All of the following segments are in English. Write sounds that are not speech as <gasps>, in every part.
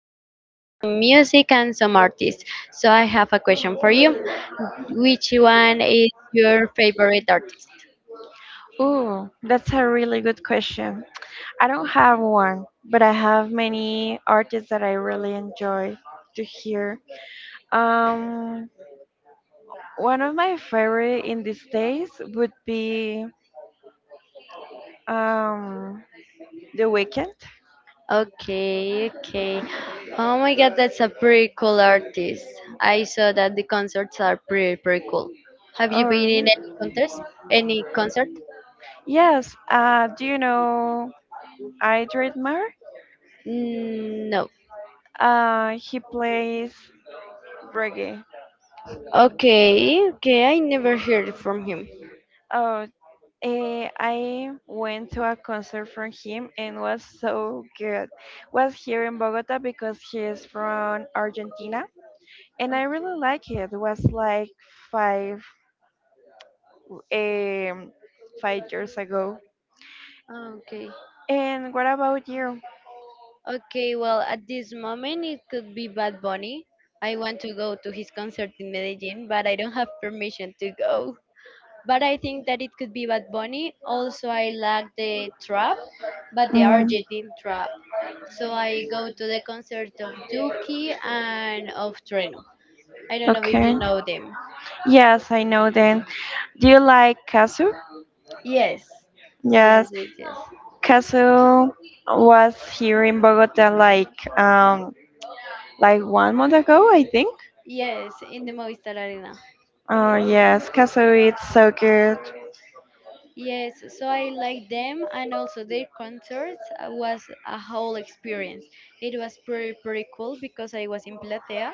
about some music and some artists. So I have a question for you. Which one is your favorite artist? Ooh, that's a really good question. I don't have one, but I have many artists that I really enjoy to hear. Um, One of my favorite in these days would be um, The Weeknd. Okay, okay. Oh my god, that's a pretty cool artist. I saw that the concerts are pretty, pretty cool. Have you Oh, been in really? any contest? Any concert? Yes, do you know Idris Mar? No. He plays reggae. Okay, okay, I never heard from him. Oh, I went to a concert from him and was so good. Was here in Bogota because he is from Argentina, and I really Okay. like it. Was like five um, 5 years ago. Okay. And what about you? Okay, well, at this moment it could be Bad Bunny. I want to go to his concert in Medellin, but I don't have permission to go. But I think that it could be Bad Bunny. Also, I like the trap, but the Mm, Argentine trap. So I go to the concert of Duki and of Treno. I don't know if you okay. know them. Yes, I know. Then, do you like Kazu? Yes, yes, Yes. yes, yes. Castle was here in Bogota like 1 month ago, I think. Yes, in the Movistar Arena. Oh yes, Castle it's so good. Yes, so I like them and also their concerts was a whole experience. It was pretty pretty cool because I was in Platea,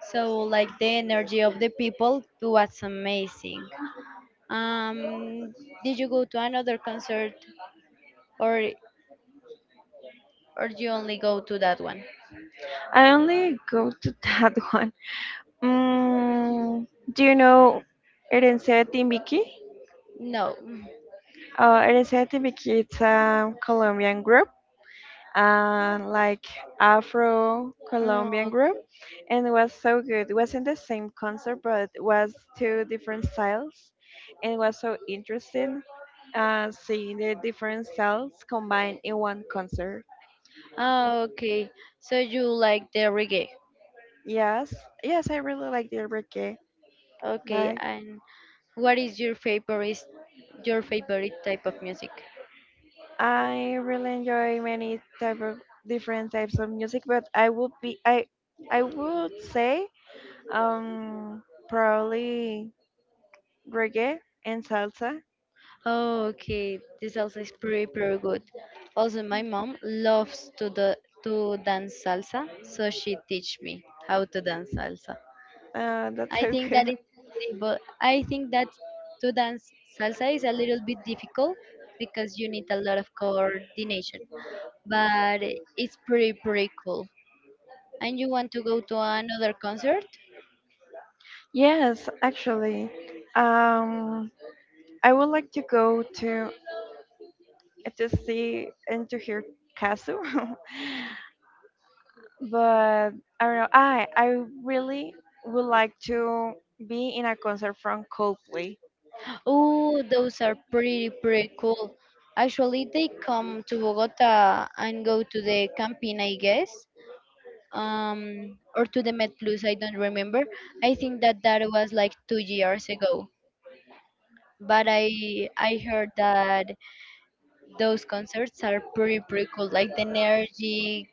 so like the energy of the people was amazing. Um, did you go to another concert or you only go to that one? I only go to <laughs> that one. Mm, do you know Herencia de Timbiqui? No. Mm, Herencia de Timbiqui, it's a Colombian group, and like Afro Colombian oh, group, and it was so good. It wasn't the same concert, but it was two different styles, and it was so interesting seeing the different styles combined in one concert. ah, okay. So you like the reggae. Yes, yes, I really like the reggae. Okay, Like and what is your favorite type of music? I really enjoy many type of different types of music, but I would say um probably reggae and salsa. Oh, okay. This salsa is pretty, pretty good. Also, my mom loves to the to dance salsa, so she teach me how to dance salsa. That's I so think cool. that is, <laughs> but I think that to dance salsa is a little bit difficult because you need a lot of coordination, but it's pretty, pretty cool. And you want to go to another concert? Yes, actually, um, I would like to go to see and to hear Kazu, <laughs> but I don't know. I really would like to be in a concert from Coldplay. Oh, those are pretty, pretty cool. Actually, they come to Bogota and go to the Campín, I guess, or to the Met Plus. I don't remember. I think that that was like 2 years ago. But I heard that those concerts are pretty, pretty cool. Like the energy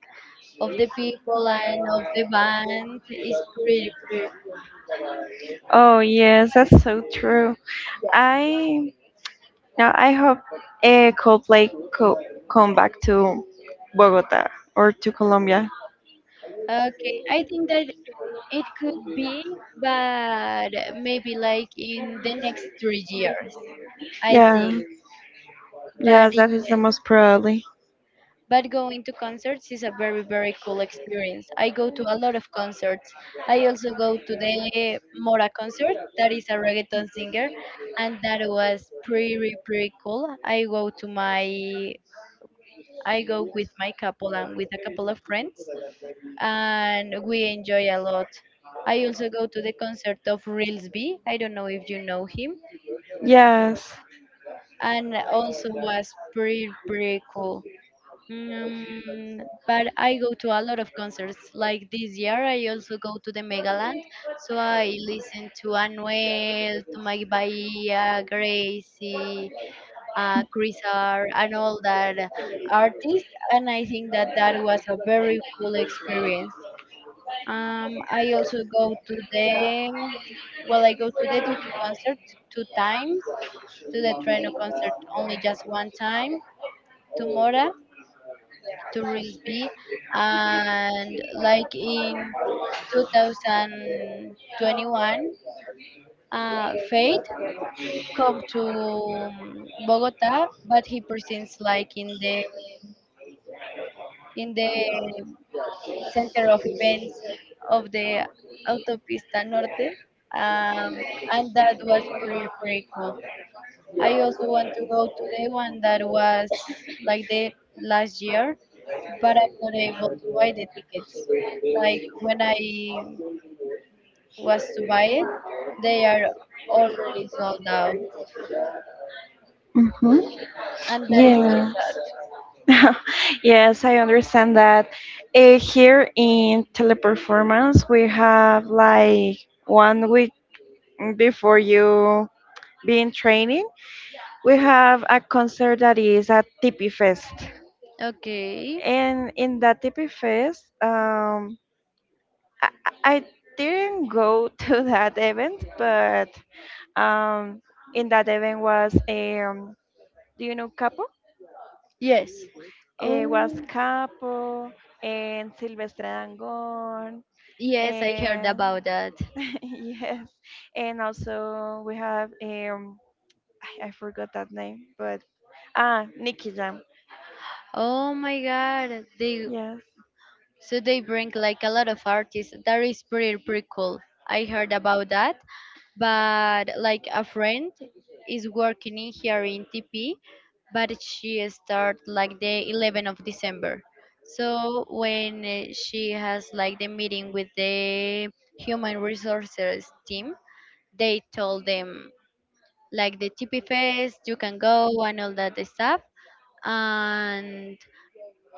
of the people and of the band is pretty, pretty. Oh yes, that's so true. I now I hope Coldplay co- come back to Bogota or to Colombia. Okay, I think that it could be, but maybe like in the next 3 years, I Yeah, think. But yes, it- that is the most probably. but going to concerts is a very cool experience. I go to a lot of concerts. I also go to the Mora concert. That is a reggaeton singer, and that was pretty pretty cool. I go with my couple and with a couple of friends, and we enjoy a lot. I also go to the concert of Reels B. I don't know if you know him. Yes. And also was pretty pretty cool. Mm, but I go to a lot of concerts. Like this year, I also go to the Megaland, so I listen to Anuel, to Mike Bahia, Gracie, Chris R, and all that artists. And I think that that was a very cool experience. I also go to the I go to the Duki concert two times, to the Trueno concert only just one time, to Mora, to Risby, and like in 2021 Faith come to Bogota, but he presents like in the in the center of events of the Autopista Norte. um, and that was pretty pretty cool. I also want to go to the one that was like the last year, but I'm not able to buy the tickets. Like when I was to buy it, they are already sold out, Mhm. and that is so Yeah. <laughs> Yes, I understand that. Here in teleperformance, we have like 1 week before you be in training, we have a concert that is at Tipi Fest. sad. Okay. And in that Tipi Fest, I, I didn't go <laughs> to that event, but um, in that event was, do you know Capo? Yes. Was Oh, and Silvestre Dangond, yes, I heard and about that. <laughs> yes, and also we have I forgot that name, but ah, Nicky Jam. Oh my God, they, Yes. so they bring like a lot of artists. That is pretty pretty cool. I heard about that, but like a friend is working in here in TP, but she start like the 11th of December. So when she has like the meeting with the human resources team, they told them like the TP fest, you can go and all that stuff. And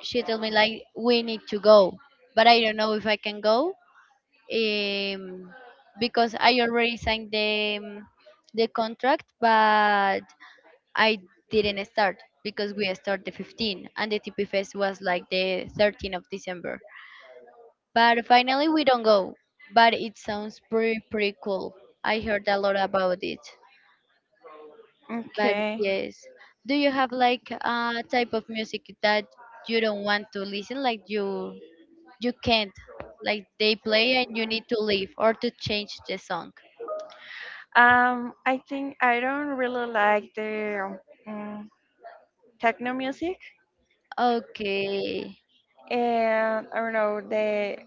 she told me like we need to go, but I don't know if I can go um, because I already signed the contract, but I didn't start because we start the 15 and the TP Fest was like the 13th of December. But finally we don't go. But it sounds pretty pretty cool. I heard a lot about it. But Okay. yes, do you have like a type of music that you don't want to listen, like you can't, like they play and you need to leave or to change the song? I think I don't really like the um, techno music, Okay. and I don't know the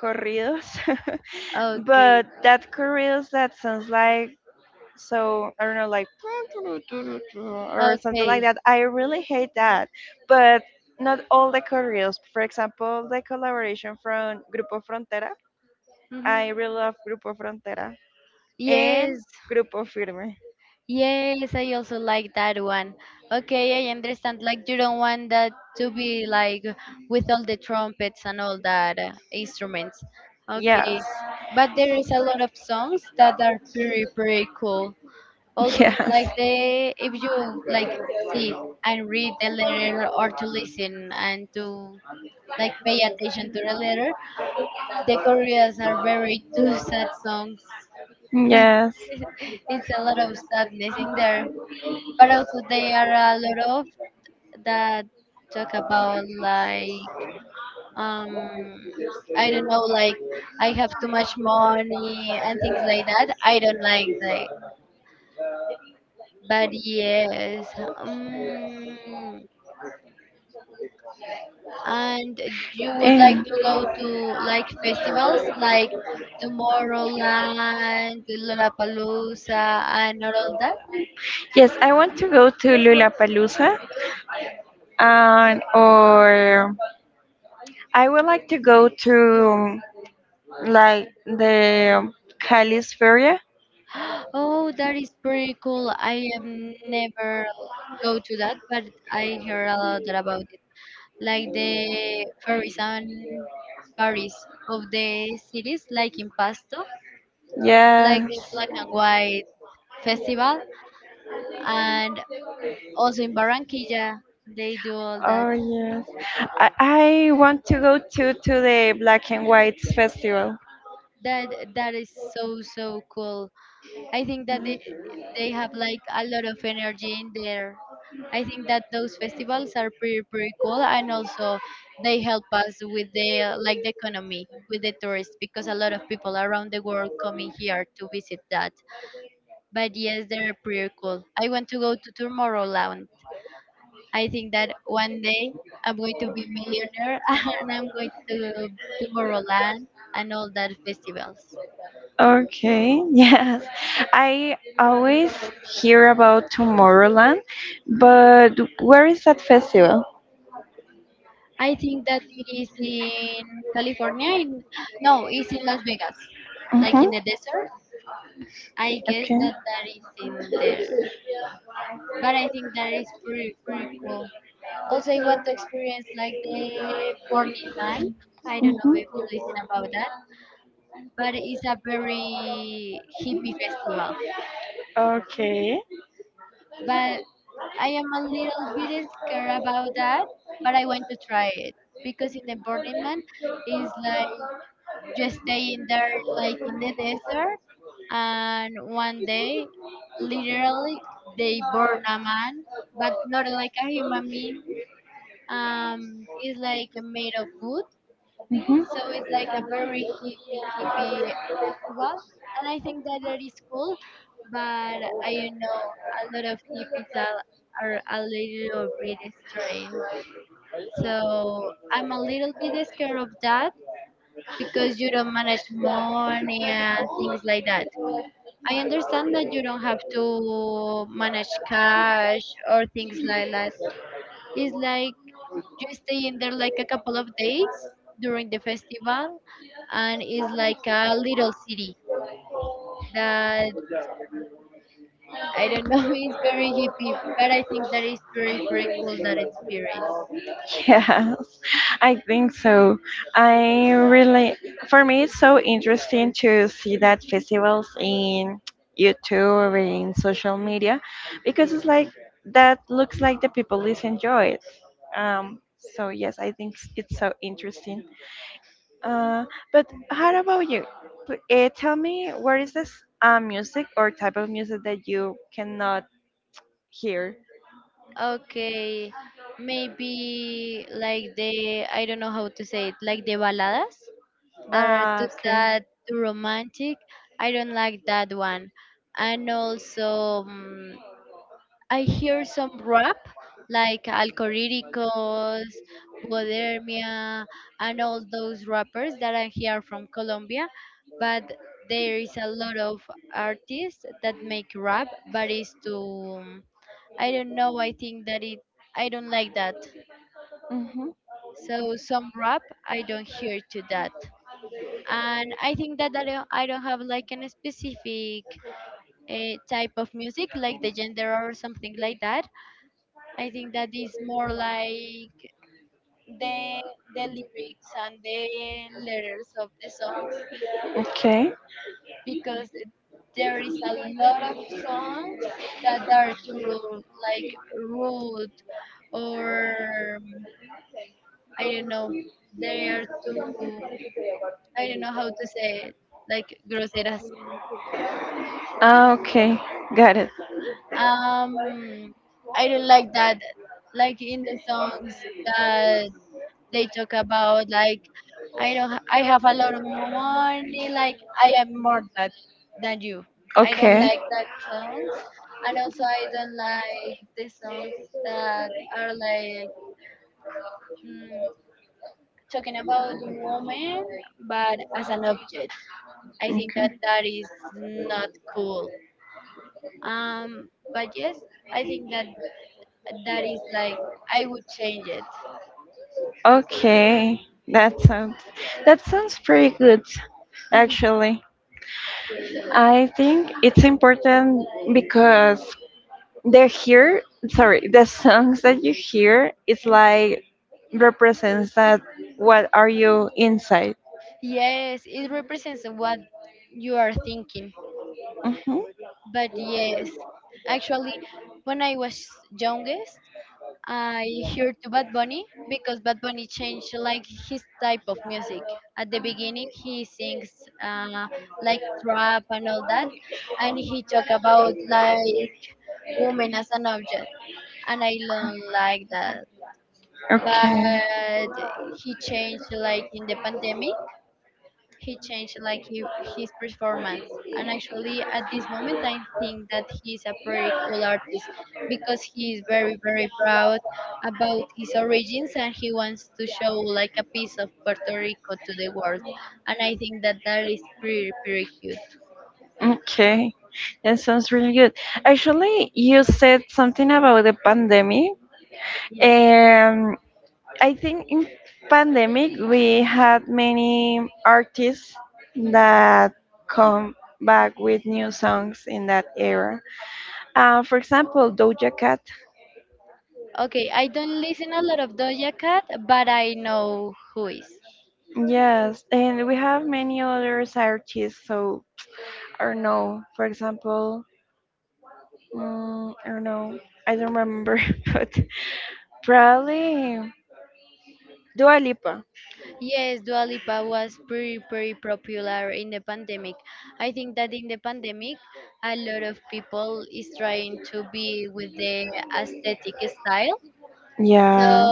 corridos, <laughs> Okay. but that corridos that sounds like so I don't know, like <laughs> or something like Okay. that. I really hate that. But not all the corridos. For example, the collaboration from Grupo Frontera. I Hmm. really love Grupo Frontera and Yes. Grupo Firme. Yes, I also like that one. Okay, I understand. Like you don't want that to be like with all the trumpets and all that instruments. Yes, Okay, but there is a lot of songs that are pretty pretty cool. <laughs> Also, yes, like the if you like sit and read the letter or to listen and to like pay attention to the letter, the Koreans are very <laughs> too sad songs. Like yes. <laughs> it's a lot of sadness in there. But also there are a lot of that talk about like um I don't know, like I have too much money and things like that. I don't like that. But yes, um, and you would like And to go to like festivals like Tomorrowland, Lollapalooza, and all of that. yes, I want to go to Lula Palusa and or I would like to go to like the Cali's Feria. <gasps> Oh, that is pretty cool. I am never go to that, but I heard a lot about it. Like the fairies and Paris of the cities, like in Pasto, Yeah. like black and white festival, and also in Barranquilla, they do all that. Oh yes. I, I want to go to the Black and Whites Festival. That that is so so cool. I think that they have like a lot of energy in there. I think that those festivals are pretty pretty cool, and also they help us with the like the economy with the tourists because a lot of people around the world coming here to visit that. But yes, they're pretty cool. I want to go to Tomorrowland. I think that one day I'm going to be millionaire <laughs> and I'm going to Tomorrowland and all that festivals. Okay, <laughs> yes. I always hear about Tomorrowland, but where is that festival? I think that it is in California. In <gasps> no, it's in Las Vegas, like Mm-hmm. in the desert. I guess Okay. that that is in there, but I think that is pretty pretty cool. Also, I want to experience like the Burning Man. I don't know Mhm. if you listen about that, but it's a very hippie festival. Okay. But I am a little bit scared about that, but I want to try it because in the Burning Man, is like just stay in there like in the desert and one day literally they burn a man, but not like a human being. It's like made of wood, Mhm. so it's like a very hippie festival, and I think that that is cool. But I know a lot of hippies are a little bit strange, so I'm a little bit scared of that because you don't manage money and things like that. I understand that you don't have to manage cash or things like that. It's like you stay in there like a couple of days during the festival, and it's like a little city that I don't know. <laughs> It's very hippie, but I think that is pretty pretty cool that experience. Yeah, <laughs> I think so. I really, for me, it's so interesting to see that festivals in YouTube, in social media, because Yeah. it's like that looks like the people is enjoy it. Um, so yes, I think it's so interesting. Uh, but how about you? Tell me, where is this music or type of music that you cannot hear? Okay, maybe like the I don't know how to say it, like the baladas that are Ah, too okay. sad, too romantic. I don't like that one. And also, I hear some rap like Alcoríricos, Bodermia, and all those rappers that I hear from Colombia. But there is a lot of artists that make rap, but it's too. I don't know. I think that it. I don't like that. Mm-hmm. So some rap I don't hear to that, and I think that I don't have like an specific type of music like the gender or something like that. I think that is more like the the lyrics and the letters of the songs Okay. because there is a lot of songs that are too like rude or um, I don't know, they are too, I don't know how to say it, like groseras. Ah, okay. Got it. Um, I don't like that. Like in the songs that they talk about, like I don't, ha- I have a lot of money. Like I am more that than you. I don't Okay. like songs, and also I don't like the songs that are like mm, talking about the moment, but as an object. I think Okay. that that is not cool. But yes, I think that that is like I would change it. Okay. That sounds that sounds pretty good <laughs> actually. I think it's important because they're here sorry, the songs that you hear it's like represents that what are you inside. Yes, it represents what you are thinking. Mm-hmm. But yes, actually, when I was youngest, I heard to Bad Bunny because Bad Bunny changed like his type of music. At the beginning, he sings uh, like trap and all that, and he talk about like women as an object, and I don't like that. Okay. But he changed like in the pandemic he changed like he, his performance, and actually at this moment I think that he's a pretty cool artist because he is very proud about his origins and he wants to show like a piece of Puerto Rico to the world. And I think that that is pretty cute. Okay, that sounds really good. Actually, you said something about the pandemic. Yes. Um, I think in pandemic we had many artists that come back with new songs in that era. For example, Doja Cat. Okay, I don't listen a lot of Doja Cat but I know who is. Yes, and we have many other artists. So, I don't know. For example, I don't know, I don't remember, <laughs> but probably Dua Lipa. Yes, Dua Lipa was pretty, pretty popular in the pandemic. I think that in the pandemic, a lot of people is trying to be with the aesthetic style. So Yeah.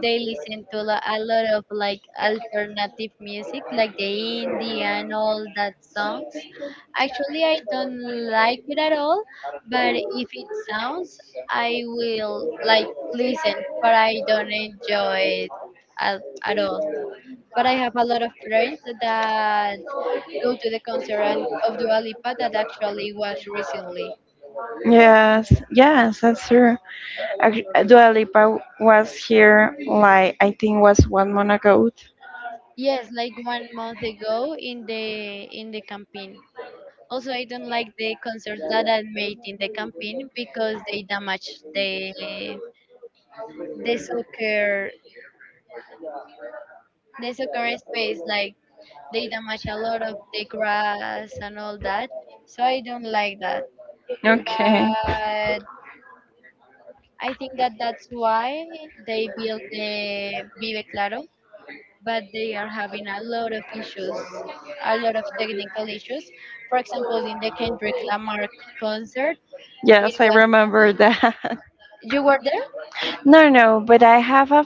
they listen to a lot of like alternative music, like the indie and all that songs. Actually, I don't like it at all, but if it sounds, I will like listen, but I don't enjoy it at all. But I have a lot of friends that go to the concert of Dua Lipa that actually was recently. Yes, yes, that's true. Dua Lipa was here, like, I think was 1 month ago. Yes, like 1 month ago in the campaign. Also, I don't like the concerts that are made in the campaign because they damage the soccer the soccer space. Like they damage a lot of the grass and all that. So I don't like that. Okay. But I think that that's why they built the Vive Claro, but they are having a lot of issues, a lot of technical issues. For example, in the Kendrick Lamar concert, it Yes, I was remember that. <laughs> you were there? No, no, but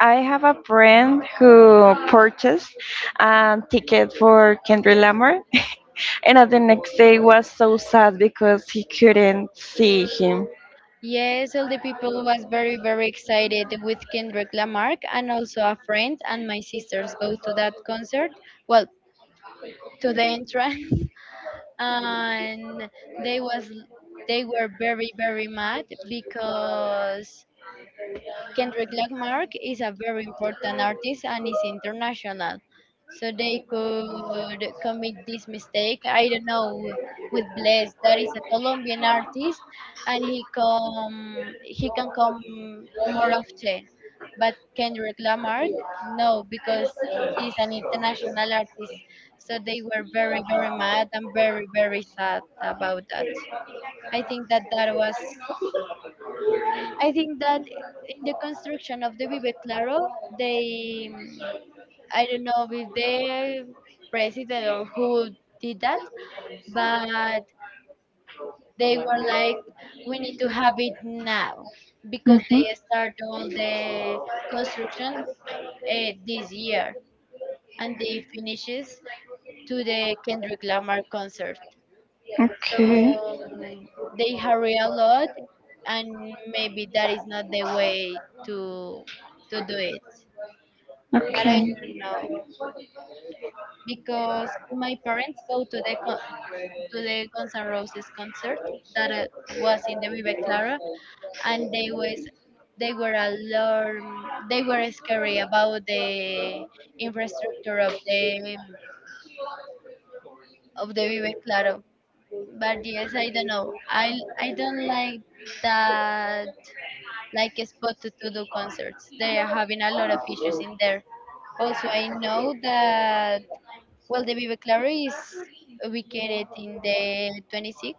I have a friend who purchased a ticket for Kendrick Lamar, <laughs> and on the next day was so sad because he couldn't see him. Yes, all the people was very very excited with Kendrick Lamar, and also a friend and my sisters go to that concert. Well, to the entrance, <laughs> and they was they were very very mad because Kendrick Lamar is a very important artist and is international. So they could commit this mistake. I don't know, with Bless that is a Colombian artist and he can come more often. But Kendrick Lamarck, no, because he's an international artist. So they were very, very mad and very, very sad about that. I think that that was I think that in the construction of the Vive Claro, they, mm, I don't know if the president or who did that, but they were like, we need to have it now because Hmm. they start all the construction this year and they finishes to the Kendrick Lamar concert. So Okay. mm, they hurry a lot and maybe that is not the way to to do it. But I Okay. don't know, because my parents go to to the Guns N' Roses concert that was in the Vive Clara, and they were alarm, they were scary about the infrastructure of the Vive Claro. But yes, I don't know. I don't like that like a spot to do concerts. They are having a lot of issues in there. Also, I know that, well, the Vivaclari is ubicated in the 26,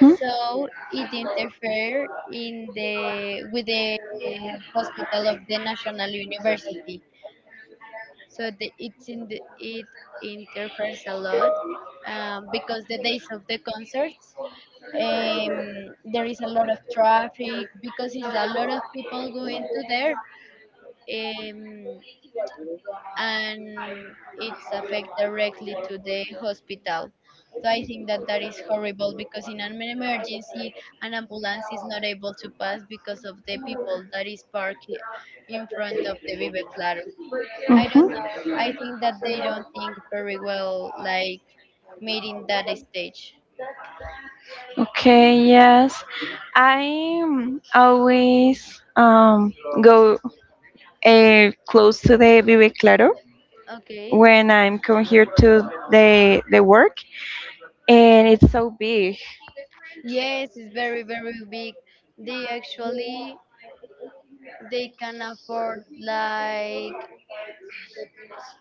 Hmm. so it interfere in the with the hospital of the National University. So it's in it interferes a lot because the days of the concerts, um, there is a lot of traffic because it's a lot of people going to there. Um, and it's affect directly to the hospital. So I think that that is horrible because in an emergency, an ambulance is not able to pass because of the people that is parked in front of the Vive Claro. I Hmm. don't know. I think that they don't think very well, like meeting that stage. Okay, yes. I always um go close to the Vive Claro Okay. when I'm come here to the work, and it's so big. Yes, it's very, very big. They actually they can afford like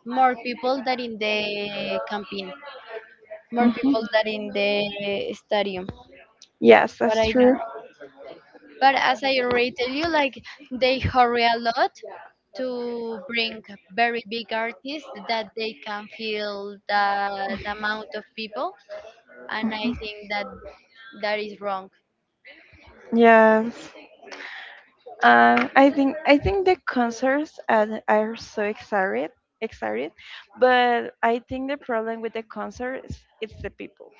more people than in the campaign, more Mhm. people than in the stadium, Yes, but that's I don't true. know. But as I already tell you, like they hurry a lot to bring very big artists that they can feel that amount of people, and I think that that is wrong. Yes. I think the concerts are so excited, excited, but I think the problem with the concerts is it's the people.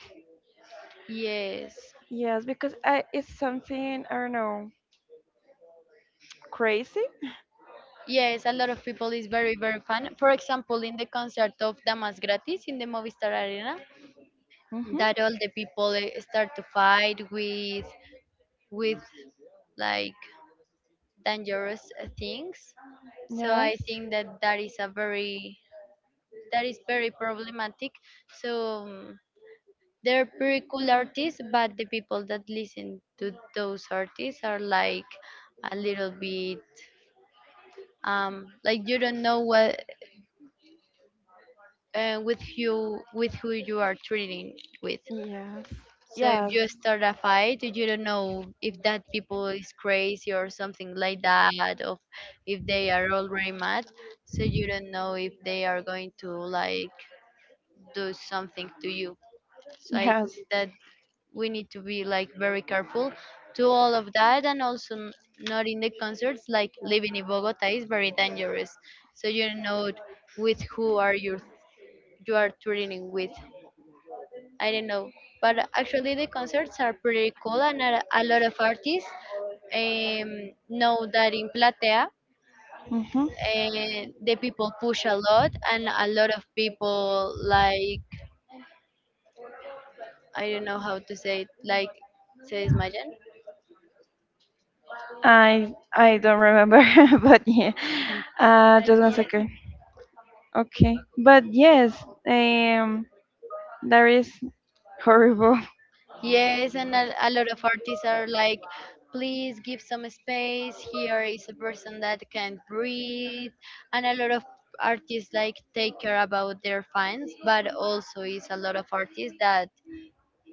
Yes. Yes, because I, it's something I don't know crazy. Yes, a lot of people is very very fun. For example, in the concert of Damas Gratis in the Movistar Arena, Hmm. that all the people start to fight with with like dangerous things. So I Yes. think that that is a very that is very problematic. So they're pretty cool artists, but the people that listen to those artists are like a little bit like you don't know what with who you are treating with. Yes. So if Yes. you start a fight, you don't know if that people is crazy or something like that, or if they are already mad. So you don't know if they are going to like do something to you. So I think Yes. that we need to be like very careful to all of that, and also not in the concerts. Like living in Bogota is very dangerous. So you don't know with who are you are trading with. I don't know. But actually, the concerts are pretty cool, and a lot of artists know that in Platea, Hmm. The people push a lot, and a lot of people like, I don't know how to say it, like se desmayan. I I don't remember, <laughs> but yeah. Just 1 second. Okay. But yes, um, that is horrible. Yes, yes, and a lot of artists are like, please give some space. Here is a person that can breathe, and a lot of artists like take care about their fans, but also is a lot of artists that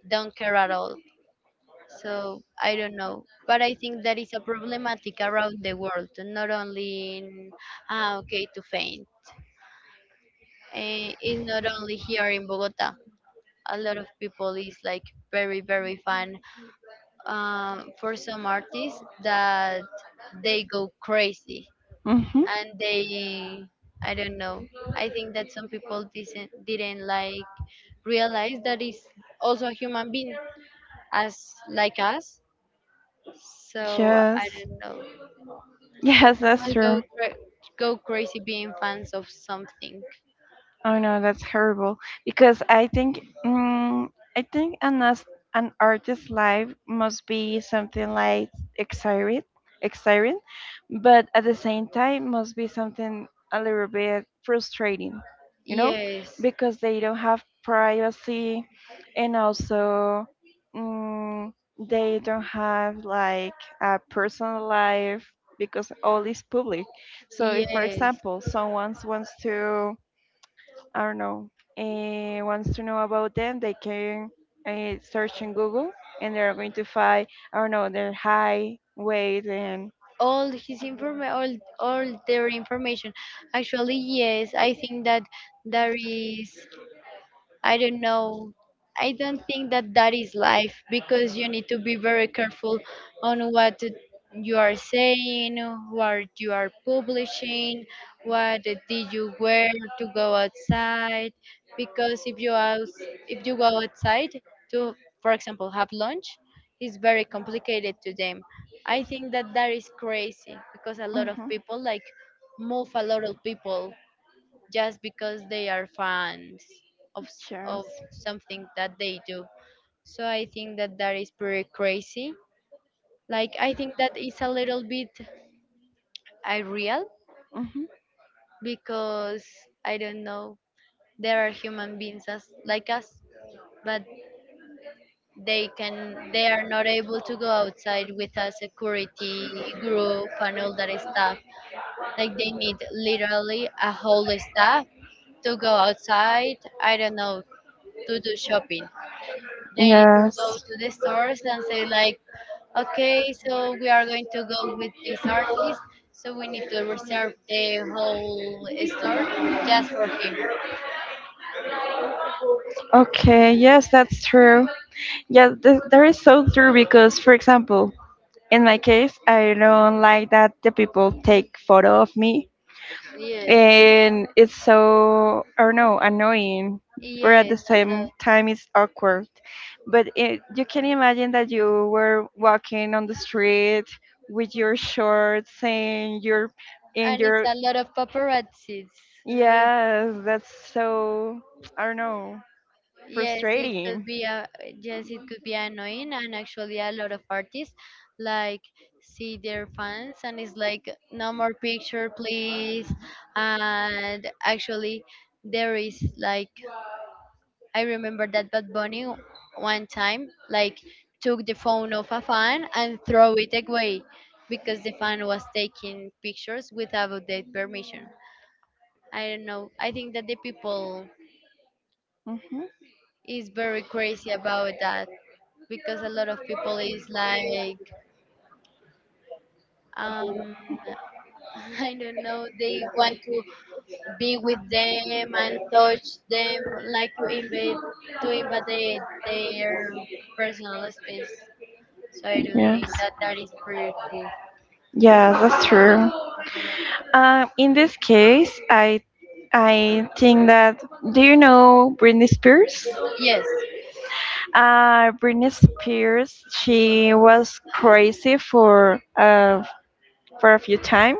don't care at all. So I don't know. But I think that is a problematic around the world, not only in, ah, okay, to faint. Eh, it's not only here in Bogota. A lot of people is like very, very fan for some artists that they go crazy <laughs> Hmm. and they, I don't know. I think that some people didn't like realize that is also a human being as like us. So Yes. I don't know. Some Yes, that's people true. Go crazy being fans of something. Oh no, that's horrible. Because I think, I think an as an artist's life must be something like exciting, exciting, but at the same time must be something a little bit frustrating, you know, Yes, because they don't have privacy, and also, mm, they don't have like a personal life because all is public. So if, for yes. example, someone wants to I don't know, wants to know about them, they can search in Google and they're going to find, I don't know, their high weight and. All their information. Actually, yes. I think that there is I don't know. I don't think that that is life because you need to be very careful on what you are saying, what you are publishing, what did you wear to go outside. Because if you go outside to, for example, have lunch, it's very complicated to them. I think that that is crazy because a lot of Mhm. people like move a lot of people just because they are fans of Yes. something that they do. So I think that that is pretty crazy. Like I think that is a little bit irreal Mm-hmm. because I don't know, there are human beings as like us, but they are not able to go outside with a security group and all that stuff. Like they need literally a whole staff to go outside. I don't know, to do shopping. They need to Yes. go to the stores and say like, okay, so we are going to go with this artist, so we need to reserve the whole store just for him. Okay, yes, that's true. Yeah, that is so true because, for example, in my case, I don't like that the people take photo of me, Yes, and it's so I don't know annoying, but at yes, the a same lot. time it's awkward. But it, you can imagine that you were walking on the street with your shorts and your and And it's your a lot of paparazzis. Uh, yes, that's so I don't know yes, it could frustrating. be a yes, it could be annoying, and actually a lot of artists like see their fans and it's like no more picture please. And actually there is like, I remember that Bad Bunny one time like took the phone of a fan and throw it away because the fan was taking pictures without their permission. I don't know. I think that the people Hmm. is very crazy about that because a lot of people is like um <laughs> I don't know, they want to be with them and touch them like to invade their personal space. So I do Yes. think that that is pretty cool. Yeah, that's true. In this case, I think that do you know Britney Spears? Yes, Britney Spears, she was crazy for a few times.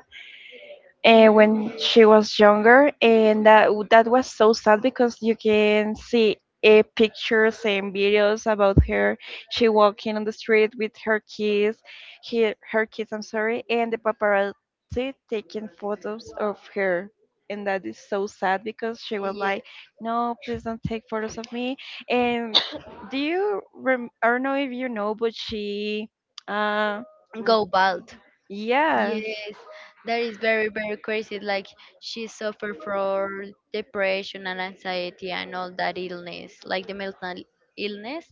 Uh, when she was younger, and that was so sad because you can see pictures and videos about her. She walking on the street with her kids, her kids. I'm sorry, and the paparazzi taking photos of her. And that is so sad because she was yeah, like, "No, please don't take photos of me." And do you? I don't know if you know, but she, uh, r- go bald. yes, Yes, that is very very crazy. Like she suffered from depression and anxiety and all that illness, like the mental illness.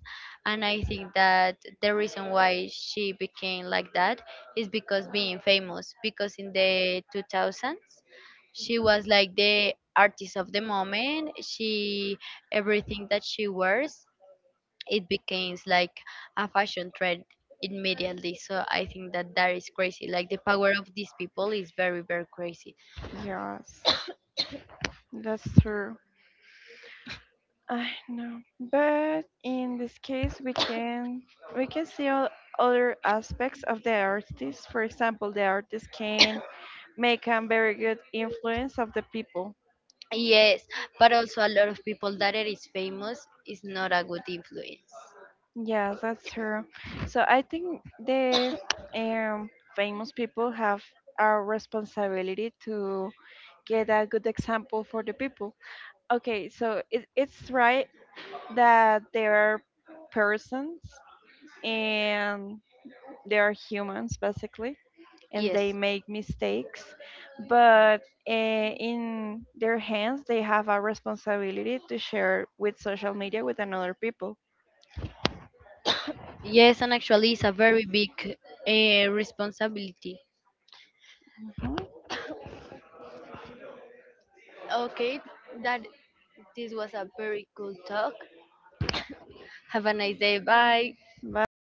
And I think that the reason why she became like that is because being famous. Because in the 2000s, she was like the artist of the moment. She everything that she wears it becomes like a fashion trend immediately. So I think that that is crazy, like the power of these people is very very crazy. yes. That's true. I know. But in this case, we can see all other aspects of the artist. For example, the artist can make a very good influence of the people. Yes, but also a lot of people that it is famous is not a good influence. Yes, that's true. So I think the um, famous people have a responsibility to get a good example for the people. Okay, so it, it's right that there are persons and they are humans basically and Yes, they make mistakes but in their hands they have a responsibility to share with social media with another people. yes, and actually it's a very big responsibility. Mhm. Okay, that this was a very cool talk. Have a nice day, bye. Bye.